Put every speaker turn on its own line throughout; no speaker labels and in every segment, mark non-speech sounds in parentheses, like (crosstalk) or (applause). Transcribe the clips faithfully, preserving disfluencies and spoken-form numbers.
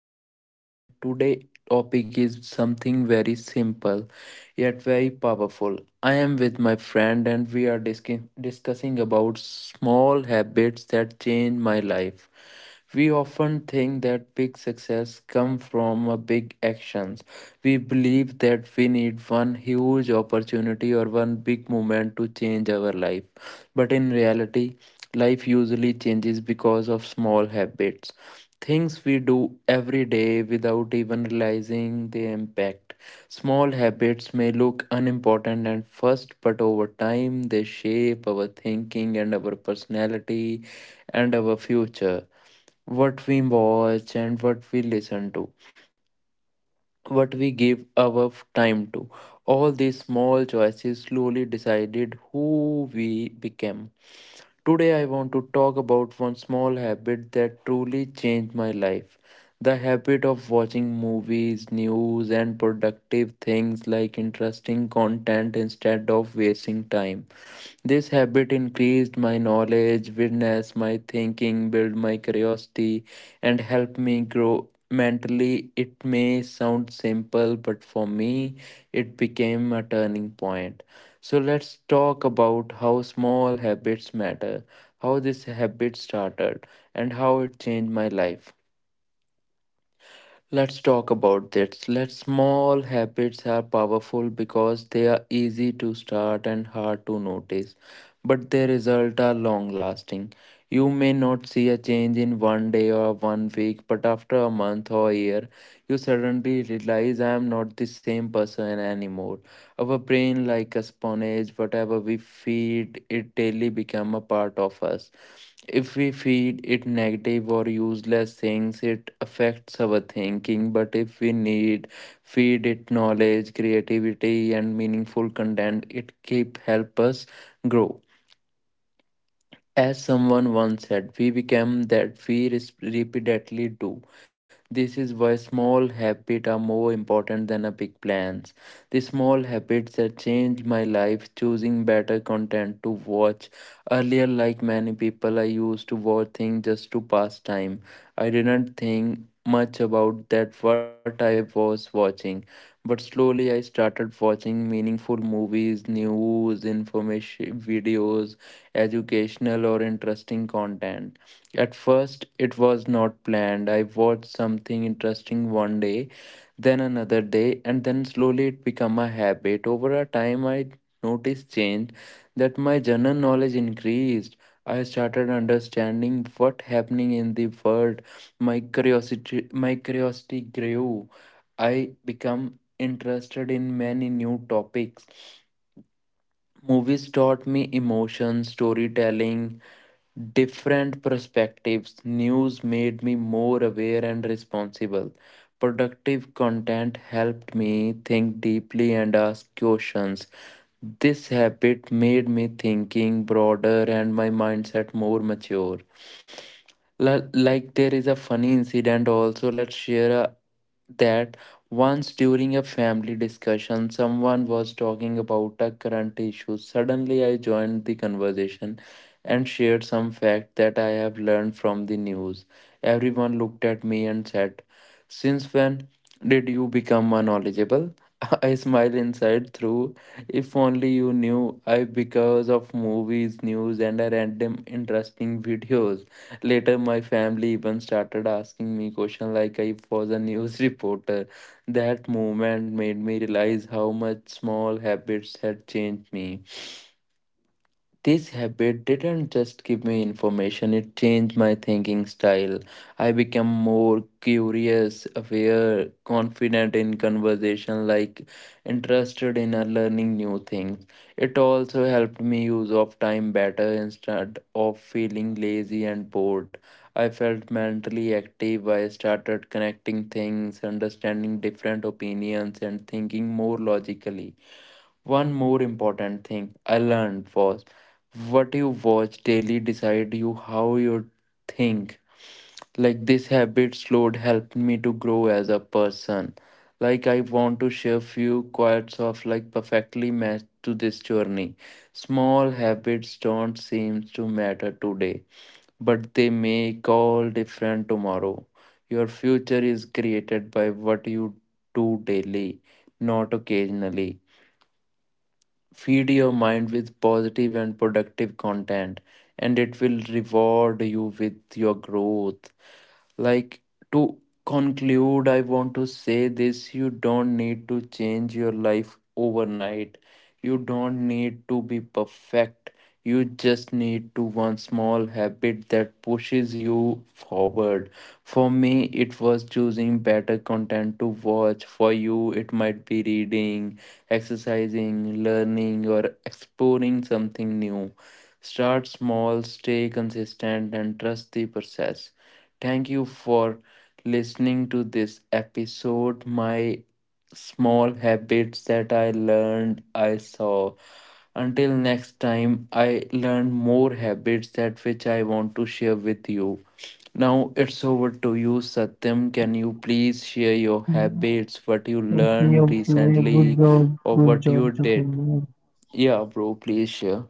Satwinder and today topic is something very simple yet very powerful. I am with my friend and we are discu- discussing about small habits that change my life. We often think that big success comes from a big actions. We believe that we need one huge opportunity or one big moment to change our life. But in reality, life usually changes because of small habits, things we do every day without even realizing the impact. Small habits may look unimportant at first, but over time they shape our thinking and our personality and our future. What we watch and what we listen to, what we give our f- time to. All these small choices slowly decided who we became. Today, I want to talk about one small habit that truly changed my life, the habit of watching movies, news, and productive things like interesting content instead of wasting time. This habit increased my knowledge, witnessed my thinking, built my curiosity, and helped me grow mentally. It may sound simple, but for me, it became a turning point. So, let's talk about how small habits matter, how this habit started, and how it changed my life. Let's talk about this. Let small habits are powerful because they are easy to start and hard to notice, but their results are long lasting. You may not see a change in one day or one week, but after a month or a year, you suddenly realize I am not the same person anymore. Our brain, like a sponge, whatever we feed it daily become a part of us. If we feed it negative or useless things, it affects our thinking. But if we need feed it knowledge, creativity, and meaningful content, it keep help us grow. As someone once said, we become that we res- repeatedly do. This is why small habits are more important than a big plans. The small habits that changed my life, choosing better content to watch. Earlier, like many people, I used to watch things just to pass time. I didn't think much about that what I was watching. But slowly I started watching meaningful movies, news, information videos, educational, or interesting content. At first, it was not planned. I watched something interesting one day, then another day, and then slowly it became a habit. Over a time, I noticed change that my general knowledge increased. I started understanding what happening in the world. My curiosity, my curiosity grew. I become interested in many new topics. Movies taught me emotion, storytelling, different perspectives. News made me more aware and responsible. Productive content helped me think deeply and ask questions. This habit made me thinking broader and my mindset more mature. L- like there is a funny incident also, let's share a, that once during a family discussion someone was talking about a current issue, suddenly I joined the conversation and shared some fact that I have learned from the news. Everyone looked at me and said, since when did you become a knowledgeable? (laughs) I smile inside through. If only you knew, I because of movies, news, and a random interesting videos. Later, my family even started asking me questions like I was a news (laughs) reporter. That moment made me realize how much small habits had changed me. This habit didn't just give me information, it changed my thinking style. I became more curious, aware, confident in conversation, like interested in uh, learning new things. It also helped me use of time better instead of feeling lazy and bored. I felt mentally active. I started connecting things, understanding different opinions, and thinking more logically. One more important thing I learned was what you watch daily decide you how you think. Like this habit slowed helped me to grow as a person. Like I want to share few quotes of like perfectly matched to this journey. Small habits don't seem to matter today, but they make all different tomorrow. Your future is created by what you do daily, not occasionally. Feed your mind with positive and productive content, and it will reward you with your growth. Like to conclude, I want to say this, you don't need to change your life overnight. You don't need to be perfect. You just need to one small habit that pushes you forward. For me, it was choosing better content to watch. For you, it might be reading, exercising, learning, or exploring something new. Start small, stay consistent, and trust the process. Thank you for listening to this episode. My small habits that I learned, I saw. Until next time, I learned more habits that which I want to share with you. Now it's over to you, Satyam. Can you please share your habits, what you
Okay,
learned
okay, good
recently,
job,
or
good
what
job,
you did?
people.
Yeah, bro, please share.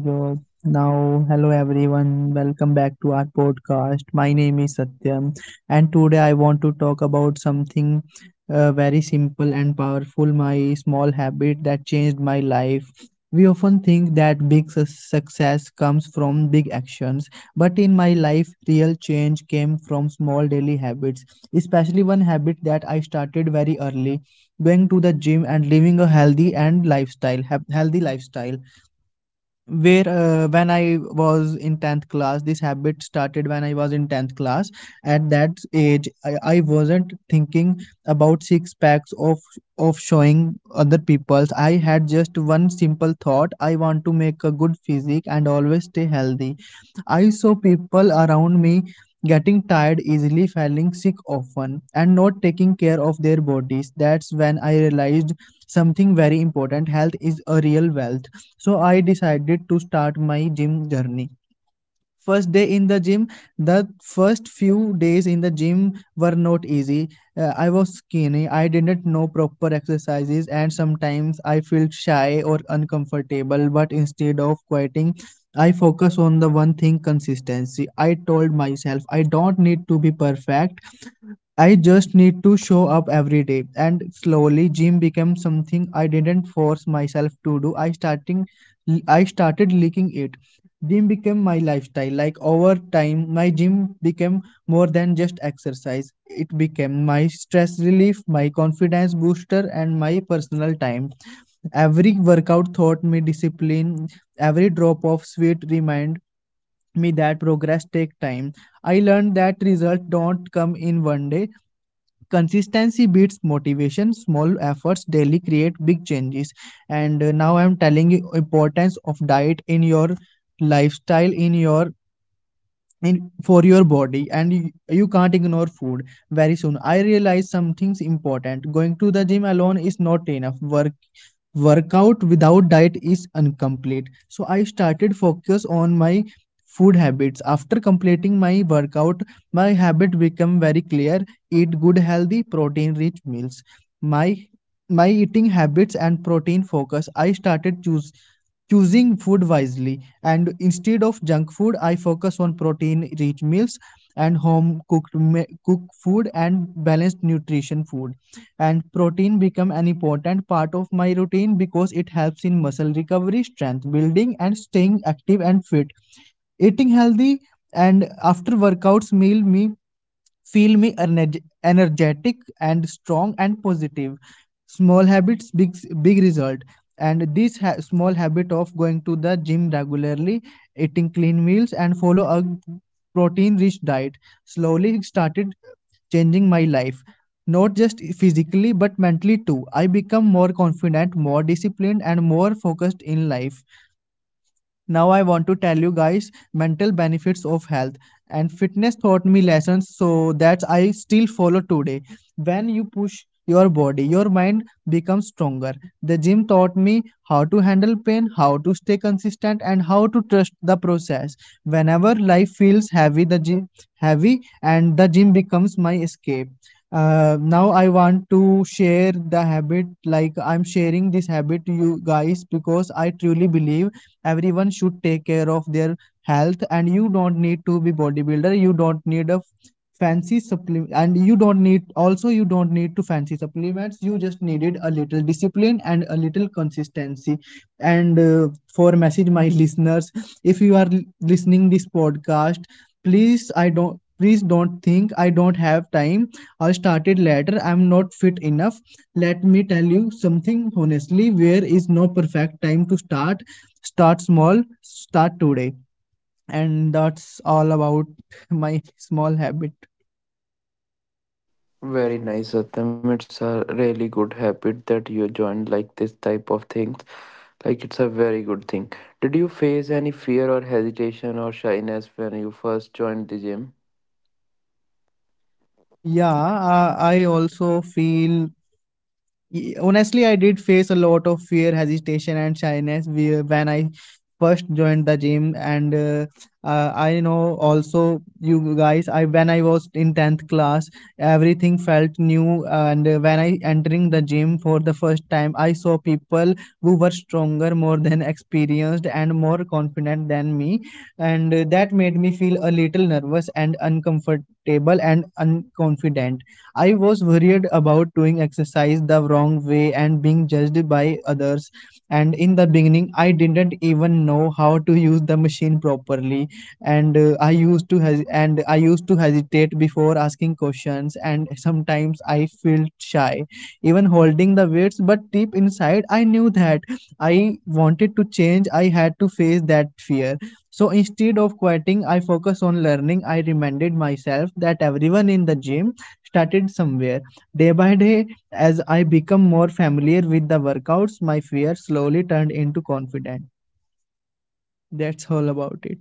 Good. Now, hello everyone. Welcome back to our podcast. My name is Satyam, and today I want to talk about something uh, very simple and powerful my small habit that changed my life. We often think that big su- success comes from big actions, but in my life, real change came from small daily habits, especially one habit that I started very early going to the gym and living a healthy and lifestyle hea- healthy lifestyle where uh, when I was in tenth class. This habit started when I was in tenth class. At that age i, I wasn't thinking about six packs of of showing other people's. I had just one simple thought, I want to make a good physique and always stay healthy. I saw people around me getting tired easily, falling sick often and not taking care of their bodies. That's when I realized something very important, health is a real wealth. So I decided to start my gym journey. First day in the gym, The first few days in the gym were not easy. Uh, I was skinny, I didn't know proper exercises, and sometimes I felt shy or uncomfortable. But instead of quitting, I focus on the one thing, consistency. I told myself I don't need to be perfect, I just need to show up every day. And slowly gym became something I didn't force myself to do. I starting I started liking it. Gym became my lifestyle. Like over time, my gym became more than just exercise. It became my stress relief, my confidence booster, and my personal time. Every workout taught me discipline. Every drop of sweat remind me that progress take time. I learned that results don't come in one day, consistency beats motivation, small efforts daily create big changes. And uh, now I'm telling you importance of diet in your lifestyle, in your, in for your body, and you, you can't ignore food. Very soon I realized something's important, going to the gym alone is not enough. Work workout without diet is incomplete, so I started focus on my food habits. After completing my workout, my habit become very clear, eat good healthy protein rich meals. my my eating habits and protein focus, I started choose choosing food wisely, and instead of junk food I focus on protein rich meals and home cooked cook food and balanced nutrition food. And protein become an important part of my routine because it helps in muscle recovery, strength building and staying active and fit. Eating healthy and after workouts meal me feel me energ- energetic and strong and positive. Small habits, big big result. And this ha- small habit of going to the gym regularly, eating clean meals and follow a protein rich diet slowly started changing my life, not just physically but mentally too. I become more confident, more disciplined and more focused in life. Now I want to tell you guys mental benefits of health and fitness taught me lessons so that I still follow today. When you push your body, your mind becomes stronger. The gym taught me how to handle pain, how to stay consistent and how to trust the process. Whenever life feels heavy, the gym heavy and the gym becomes my escape. Uh, now I want to share the habit, like I'm sharing this habit to you guys because I truly believe everyone should take care of their health. And you don't need to be bodybuilder, you don't need a fancy supplement, and you don't need also you don't need to fancy supplements. You just needed a little discipline and a little consistency. And uh, for message my (laughs) listeners, if you are listening this podcast, please I don't please don't think I don't have time, I started later, I'm not fit enough. Let me tell you something honestly, where is no perfect time to start. Start small, start today. And that's all about (laughs) my small habit.
Very nice, Satyam. It's a really good habit that you joined like this type of things. Like it's a very good thing. Did you face any fear or hesitation or shyness when you first joined the gym?
Yeah, uh, I also feel, Y- honestly I did face a lot of fear, hesitation and shyness whe- when I first joined the gym. And uh, uh, I know also you guys, I when I was in tenth class everything felt new. And uh, when I entering the gym for the first time I saw people who were stronger, more than experienced and more confident than me. And uh, that made me feel a little nervous and uncomfortable and unconfident. I was worried about doing exercise the wrong way and being judged by others. And in the beginning, I didn't even know how to use the machine properly. And uh, I used to hes- and I used to hesitate before asking questions. And sometimes I felt shy, even holding the weights. But deep inside, I knew that I wanted to change. I had to face that fear. So instead of quitting, I focused on learning. I reminded myself that everyone in the gym started somewhere. Day by day, as I become more familiar with the workouts, my fear slowly turned into confidence. That's all about it.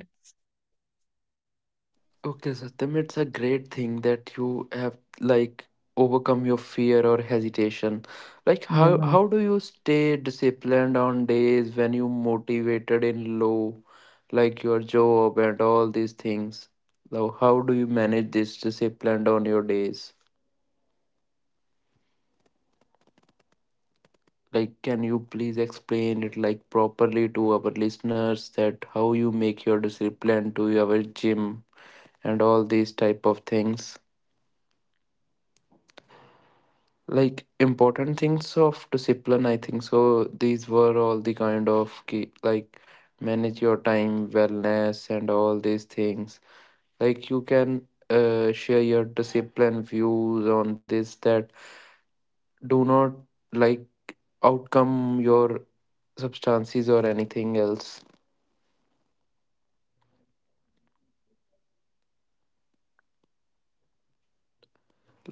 Okay, Satyam, it's a great thing that you have like overcome your fear or hesitation. Like how
Yeah,
how do you stay disciplined on days when you motivated in low, like your job and all these things? Now, how do you manage this discipline on your days? Like can you please explain it like properly to our listeners that how you make your discipline to your gym and all these type of things, like important things of discipline, I think so these were all the kind of key, like manage your time wellness and all these things, like you can uh, share your discipline views on this, that do not, like, outcome your substances or anything else.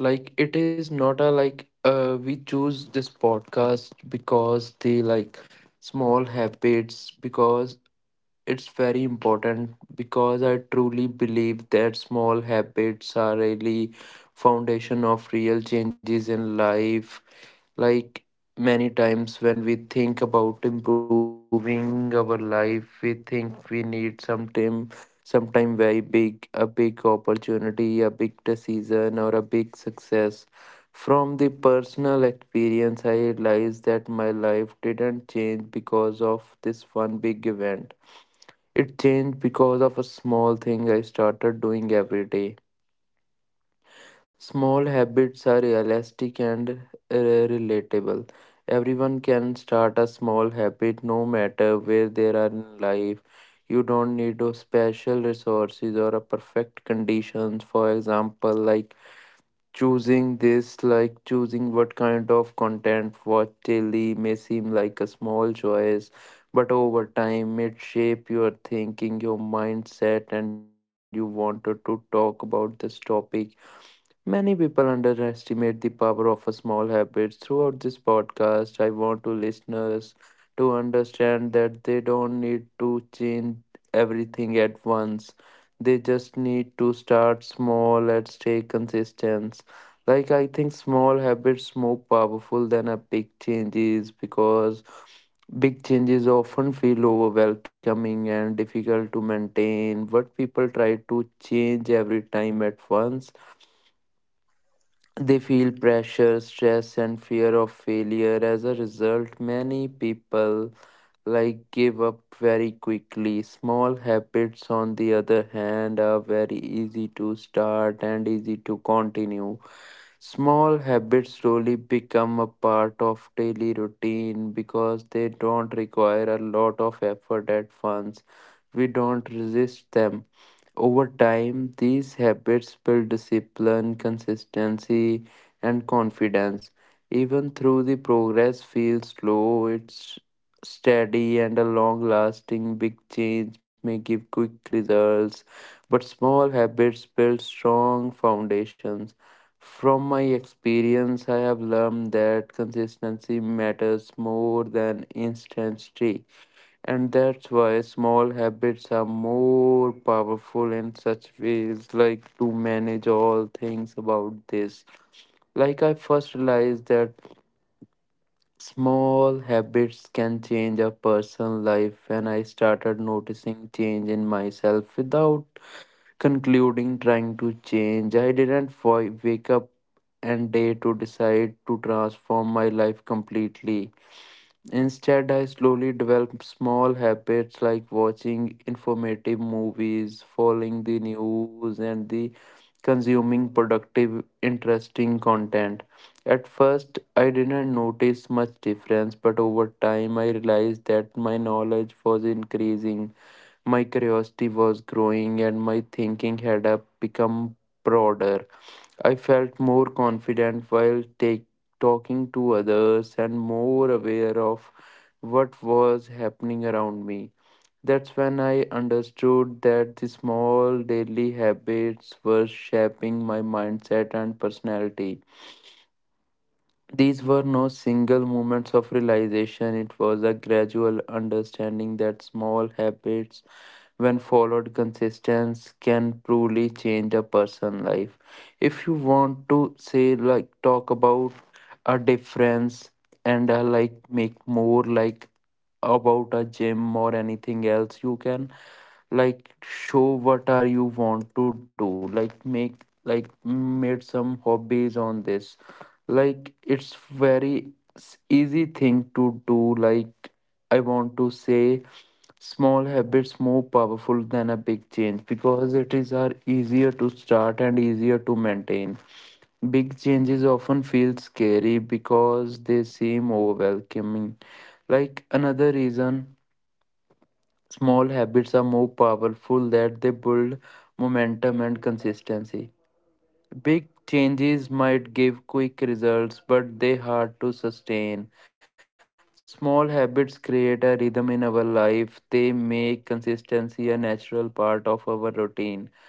Like it is not a like uh, we choose this podcast because the like small habits because it's very important because I truly believe that small habits are really foundation of real changes in life. Like many times when we think about improving our life, we think we need some time, sometime very big, a big opportunity, a big decision, or a big success. From the personal experience, I realized that my life didn't change because of this one big event. It changed because of a small thing I started doing every day. Small habits are elastic and uh, relatable. Everyone can start a small habit no matter where they are in life. You don't need those special resources or a perfect conditions. For example, like choosing this, like choosing what kind of content watch daily may seem like a small choice, but over time it shape your thinking, your mindset, and you wanted to talk about this topic. Many people underestimate the power of a small habit. Throughout this podcast, I want to listeners to understand that they don't need to change everything at once. They just need to start small and stay consistent. Like I think small habits more powerful than a big changes because big changes often feel overwhelming and difficult to maintain. What people try to change every time at once, they feel pressure, stress, and fear of failure. As a result, many people like give up very quickly. Small habits, on the other hand, are very easy to start and easy to continue. Small habits slowly become a part of daily routine because they don't require a lot of effort at once. We don't resist them. Over time, these habits build discipline, consistency, and confidence. Even though the progress feels slow, it's steady and a long lasting. Big change may give quick results, but small habits build strong foundations. From my experience, I have learned that consistency matters more than instant streaks. And that's why small habits are more powerful in such ways, like to manage all things about this. Like, I first realized that small habits can change a person's life when I started noticing change in myself without concluding trying to change. I didn't wa- wake up and day to decide to transform my life completely. Instead, I slowly developed small habits like watching informative movies, following the news, and the consuming productive, interesting content. At first, I didn't notice much difference, but over time, I realized that my knowledge was increasing, my curiosity was growing, and my thinking had uh, become broader. I felt more confident while take, talking to others and more aware of what was happening around me. That's when I understood that the small daily habits were shaping my mindset and personality. These were no single moments of realization, it was a gradual understanding that small habits, when followed consistently, can truly change a person's life. If you want to say, like, talk about a difference and uh, like make more like about a gym or anything else, you can like show what are you want to do, like make, like made some hobbies on this, like it's very s- easy thing to do. Like I want to say small habits more powerful than a big change because it is are easier to start and easier to maintain. Big changes often feel scary because they seem overwhelming. Like another reason small habits are more powerful that they build momentum and consistency. Big changes might give quick results, but they hard to sustain. Small habits create a rhythm in our life. They make consistency a natural part of our routine.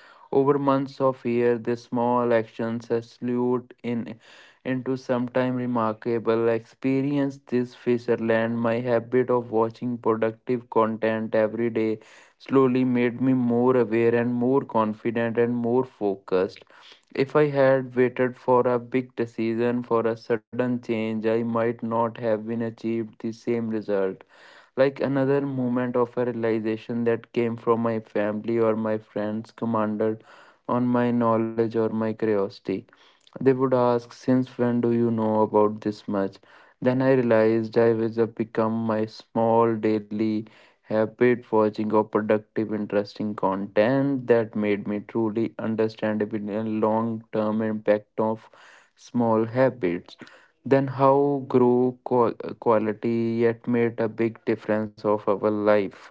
Over months of year, the small actions salute in into sometime remarkable experience this Fisherland. My habit of watching productive content every day slowly made me more aware and more confident and more focused. If I had waited for a big decision, for a sudden change, I might not have been achieved the same result. Like another moment of a realization that came from my family or my friends commanded on my knowledge or my curiosity. They would ask, since when do you know about this much? Then I realized I was a become my small daily habit watching of productive, interesting content that made me truly understand the long term impact of small habits. Then how grow quality yet made a big difference of our life.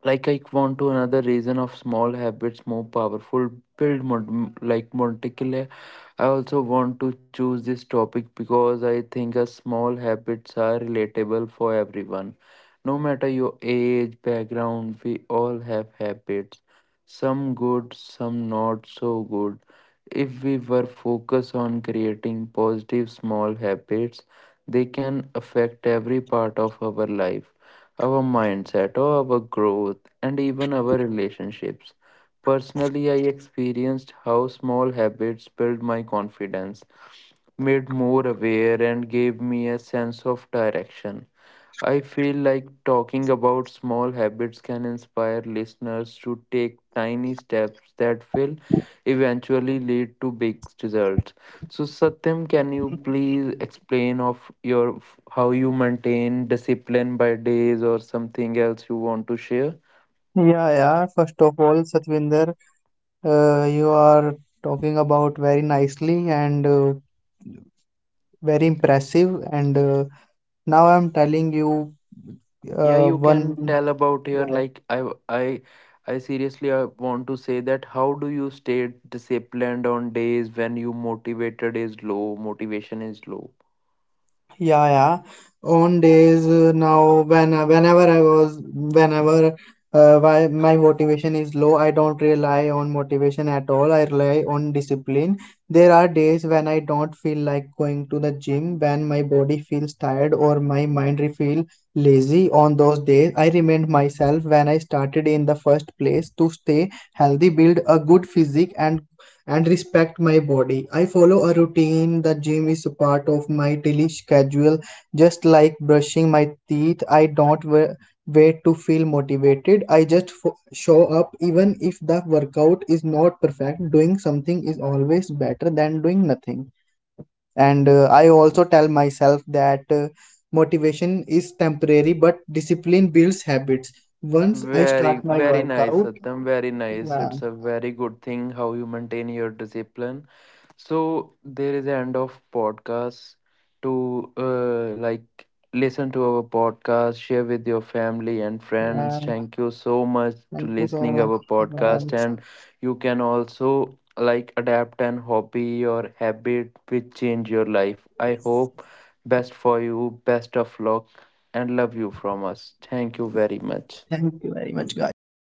Like I want to another reason of small habits more powerful, build mod- like monticle. I also want to choose this topic because I think a small habits are relatable for everyone, no matter your age background. We all have habits, some good, some not so good. If we were focused on creating positive small habits, they can affect every part of our life, our mindset, or our growth, and even our relationships. Personally, I experienced how small habits built my confidence, made more aware, and gave me a sense of direction. I feel like talking about small habits can inspire listeners to take tiny steps that will eventually lead to big results. So, Satyam, can you please explain of your how you maintain discipline by days or something else you want to share?
yeah, yeah. First of all, Satvinder, uh, you are talking about very nicely and uh, very impressive. And uh, now I'm telling you
Yeah,
uh,
you
one.
can tell about here. Like I, I, I seriously I want to say that how do you stay disciplined on days when you motivated is low, motivation is low?
Yeah, yeah. On days uh, now when uh, whenever I was whenever uh, why my motivation is low, I don't rely on motivation at all. I rely on discipline. There are days when I don't feel like going to the gym, when my body feels tired or my mind re- feel lazy. On those days, I remind myself when I started in the first place, to stay healthy, build a good physique and and respect my body. I follow a routine. The gym is a part of my daily schedule, just like brushing my teeth. I don't wa- wait to feel motivated. I just fo- show up, even if the workout is not perfect. Doing something is always better than doing nothing. And uh, I also tell myself that uh, motivation is temporary, but discipline builds habits. Once I
Very,
start my
very nice,
workout,
Satyam. Very nice.
yeah,
It's a very good thing how you maintain your discipline. So there is the end of podcast to uh, like listen to our podcast, share with your family and friends.
yeah,
Thank you so much to
thank you so
listening our
much.
podcast,
Bye.
and you can also like adapt an hobby or habit which change your life. I hope best for you, best of luck, and love you from us. Thank you very much.
Thank you very much, guys.